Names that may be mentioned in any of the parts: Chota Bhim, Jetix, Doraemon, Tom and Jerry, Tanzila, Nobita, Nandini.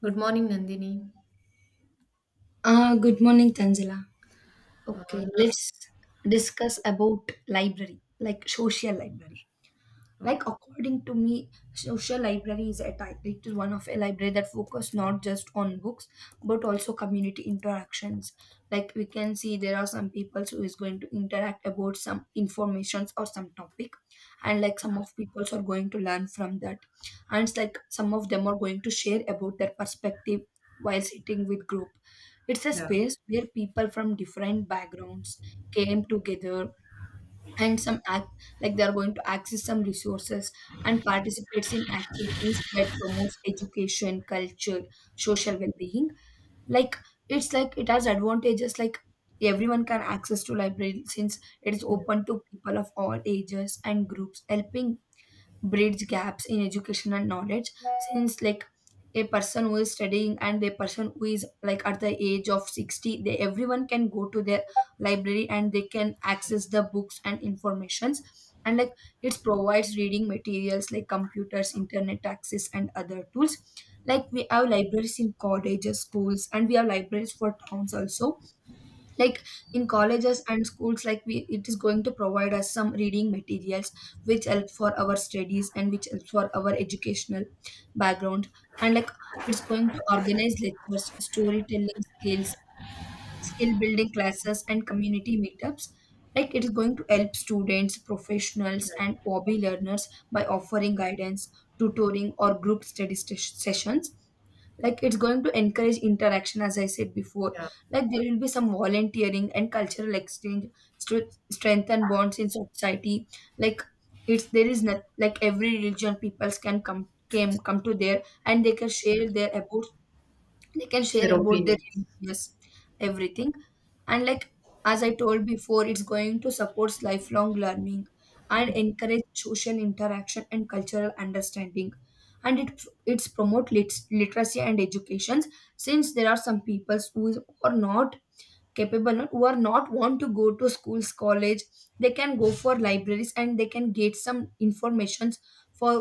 Good morning, Nandini. Good morning, Tanzila. Uh, Okay, let's discuss about library, like social library. no- Like okay. according to me social library is a type. It is one of a library that focus not just on books but also community interactions. Like we can see there are some people who is going to interact about some informations or some topic, and like some of people are going to learn from that, and it's like some of them are going to share about their perspective while sitting with group. It's a Yeah, space where people from different backgrounds came together and some act, like they are going to access some resources and participates in activities that promotes education, culture, social well-being. Like it's like it has advantages like everyone can access to library since it is open to people of all ages and groups, helping bridge gaps in education and knowledge. Since like a person who is studying and a person who is like at the age of 60, they everyone can go to their library and they can access the books and informations. And like it provides reading materials like computers, internet access, and other tools. Like we have libraries in colleges, schools, and we have libraries for towns also. Like in colleges and schools, like we it is going to provide us some reading materials which help for our studies and which help for our educational background. And like it's going to organize lectures, storytelling skills, skill building classes, and community meetups. Like it is going to help students, professionals, yeah, and hobby learners by offering guidance, tutoring, or group study sessions. Like it's going to encourage interaction, as I said before. yeah, Like there will be some volunteering and cultural exchange to strengthen bonds in society. Like it's there is not like every religion peoples can come to there, and they can yeah. share their about, they can share Their about their opinions. religious, everything. And like, as I told before, it's going to support lifelong learning and encourage social interaction and cultural understanding. And it's promote literacy and educations. Since there are some peoples are not capable, who are not want to go to schools, college, they can go for libraries and they can get some informations for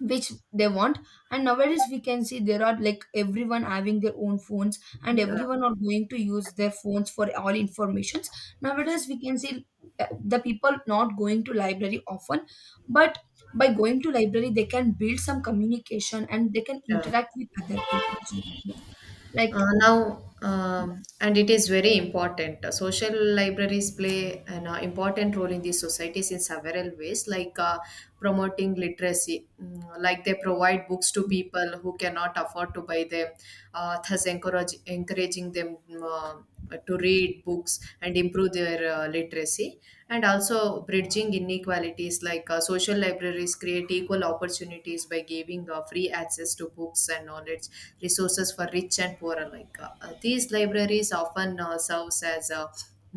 which they want. And nowadays we can see there are like everyone having their own phones, and Yeah, everyone are going to use their phones for all informations. Nowadays we can see the people not going to library often, but by going to library they can build some communication and they can yeah. interact with other people. So, like, And it is very important. Social libraries play an important role in these societies in several ways, like promoting literacy. Mm. Like they provide books to people who cannot afford to buy them, thus encouraging them to read books and improve their literacy, and also bridging inequalities. Like social libraries create equal opportunities by giving free access to books and knowledge resources for rich and poor alike. These libraries often serves as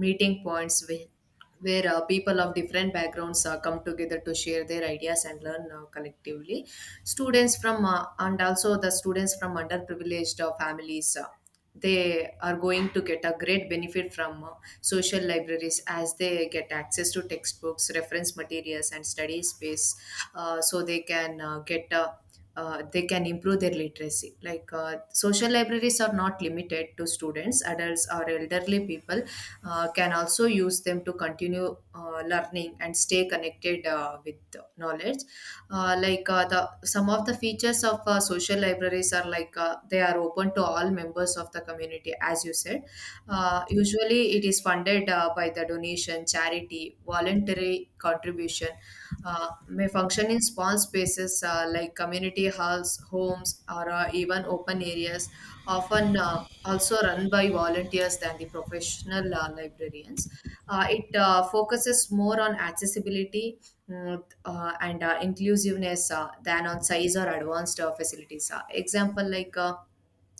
meeting points where people of different backgrounds come together to share their ideas and learn collectively. Students from, and also the students from underprivileged families they are going to get a great benefit from social libraries, as they get access to textbooks, reference materials and study space, so they can get they can improve their literacy. Like social libraries are not limited to students, adults or elderly people can also use them to continue learning and stay connected with knowledge. The some of the features of social libraries are, like they are open to all members of the community, as you said. Usually it is funded by the donation, charity, voluntary contribution. May function in small spaces, like community halls, homes or even open areas. Often also run by volunteers than the professional librarians. It focuses more on accessibility, and inclusiveness than on size or advanced facilities. Example, like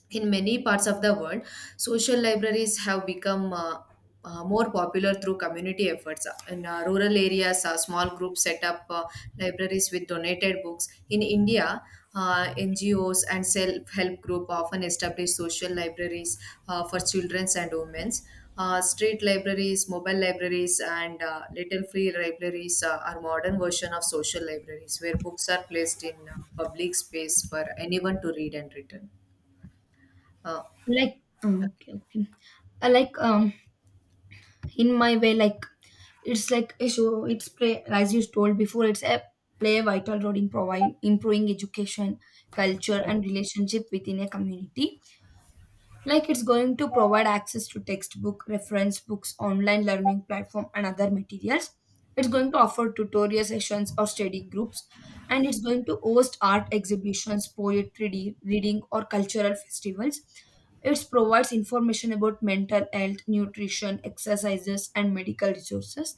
in many parts of the world, social libraries have become more popular through community efforts. In rural areas, small groups set up libraries with donated books. In India, NGOs and self help group often establish social libraries for children and women. Street libraries, mobile libraries, and little free libraries are modern version of social libraries where books are placed in public space for anyone to read and return. Uh, okay, okay. Like, in my way, like it's like a show, it's play, as you told before, it's a play a vital role in providing, improving education, culture, and relationship within a community. Like it's going to provide access to textbook, reference books, online learning platform, and other materials. It's going to offer tutorial sessions or study groups, and it's going to host art exhibitions, poetry reading, or cultural festivals. It provides information about mental health, nutrition, exercises, and medical resources,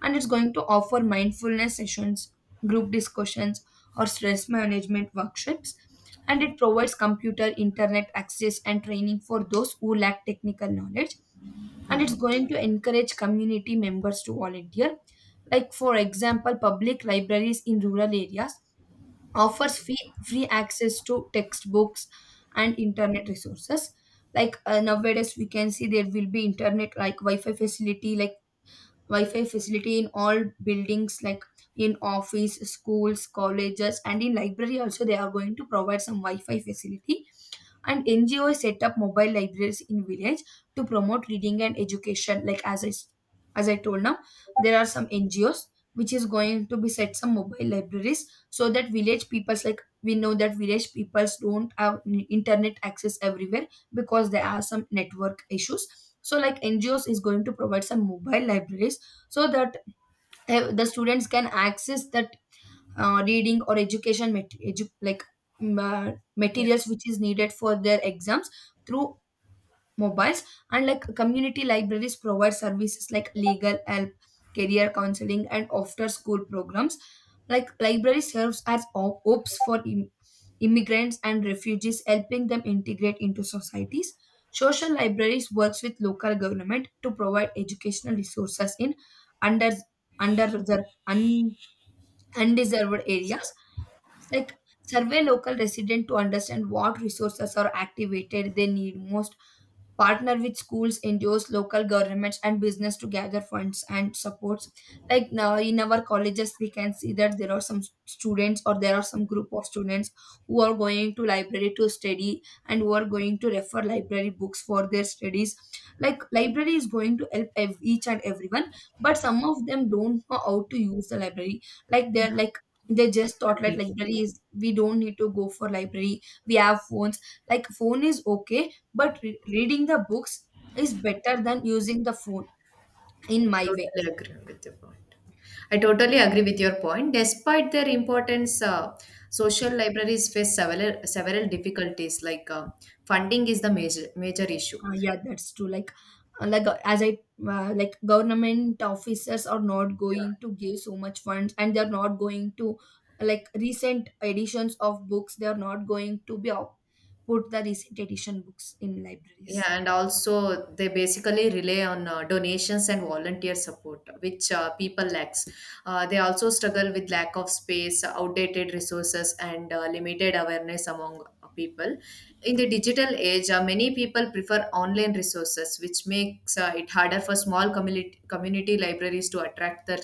and it's going to offer mindfulness sessions, group discussions, or stress management workshops. And it provides computer, internet access, and training for those who lack technical knowledge. And yeah, it's going to encourage community members to volunteer. Like, for example, public libraries in rural areas offers free access to textbooks and internet resources. Like nowadays, we can see there will be internet like Wi-Fi facility in all buildings, like in office, schools, colleges, and in library also they are going to provide some Wi-Fi facility. And NGOs set up mobile libraries in village to promote reading and education. Like as I told now, there are some NGOs which is going to be set some mobile libraries so that village peoples, like we know that village peoples don't have internet access everywhere because there are some network issues. So like NGOs is going to provide some mobile libraries so that the students can access that reading or education like yeah. materials which is needed for their exams through mobiles. And like community libraries provide services like legal help, career counseling, and after school programs. Like library serves as hubs for immigrants and refugees, helping them integrate into societies. Social libraries works with local government to provide educational resources in under under un, undeserved So areas. It's like survey local resident to understand what resources are activated they need most, partner with schools, NGOs, local governments, and business to gather funds and supports. Like now in our colleges, we can see that there are some students, or there are some group of students who are going to library to study and who are going to refer library books for their studies. Like library is going to help each and everyone, but some of them don't know how to use the library. Like they're like, they just thought like definitely, library is, we don't need to go for library, we have phones. Like phone is okay, but reading the books is better than using the phone, in I my way. totally agree with your point. I totally agree with your point. Despite their importance, social libraries face several difficulties. Like funding is the major issue. Yeah, that's true. Like uh, like uh, as i uh, like government officers are not going to give so much funds, and they're not going to like recent editions of books, they're not going to be out, put the recent edition books in Yeah, libraries. and also they basically rely on donations and volunteer support, which people lacks. They also struggle with lack of space, outdated resources, and limited awareness among people. In the digital age, many people prefer online resources, which makes it harder for small community libraries to attract their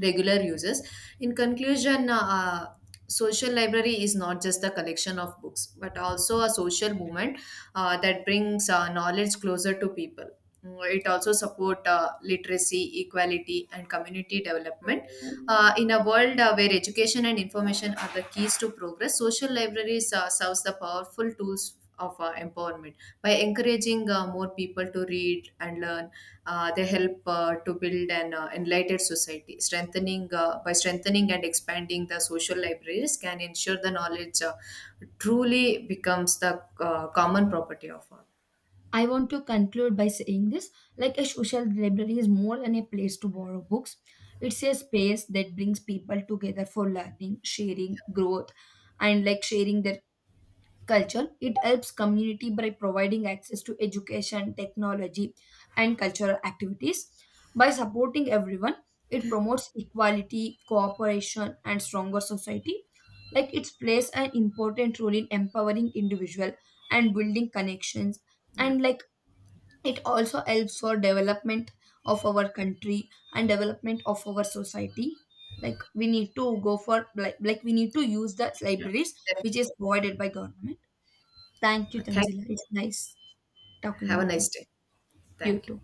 regular users. In conclusion, social library is not just the collection of books, but also a social movement that brings knowledge closer to people. Mm. It also support literacy, equality, and community development. In a world where education and information are the keys to progress, social libraries serves the powerful tools of empowerment. By encouraging more people to read and learn, they help to build an enlightened society, strengthening by strengthening and expanding the social libraries can ensure the knowledge truly becomes the common property of all. I want to conclude by saying this, like a social library is more than a place to borrow books. It's a space that brings people together for learning, sharing, growth, and like sharing their culture. It helps community by providing access to education, technology, and cultural activities. By supporting everyone, it promotes equality, cooperation, and stronger society. Like it plays an important role in empowering individual and building connections. Yeah. And like it also helps for development of our country and development of our society. Like we need to go for like we need to use the Yeah. libraries which is provided by government. Thank you, Thank Tanzila, it's nice talking have a with nice you. day. You Thank you. too.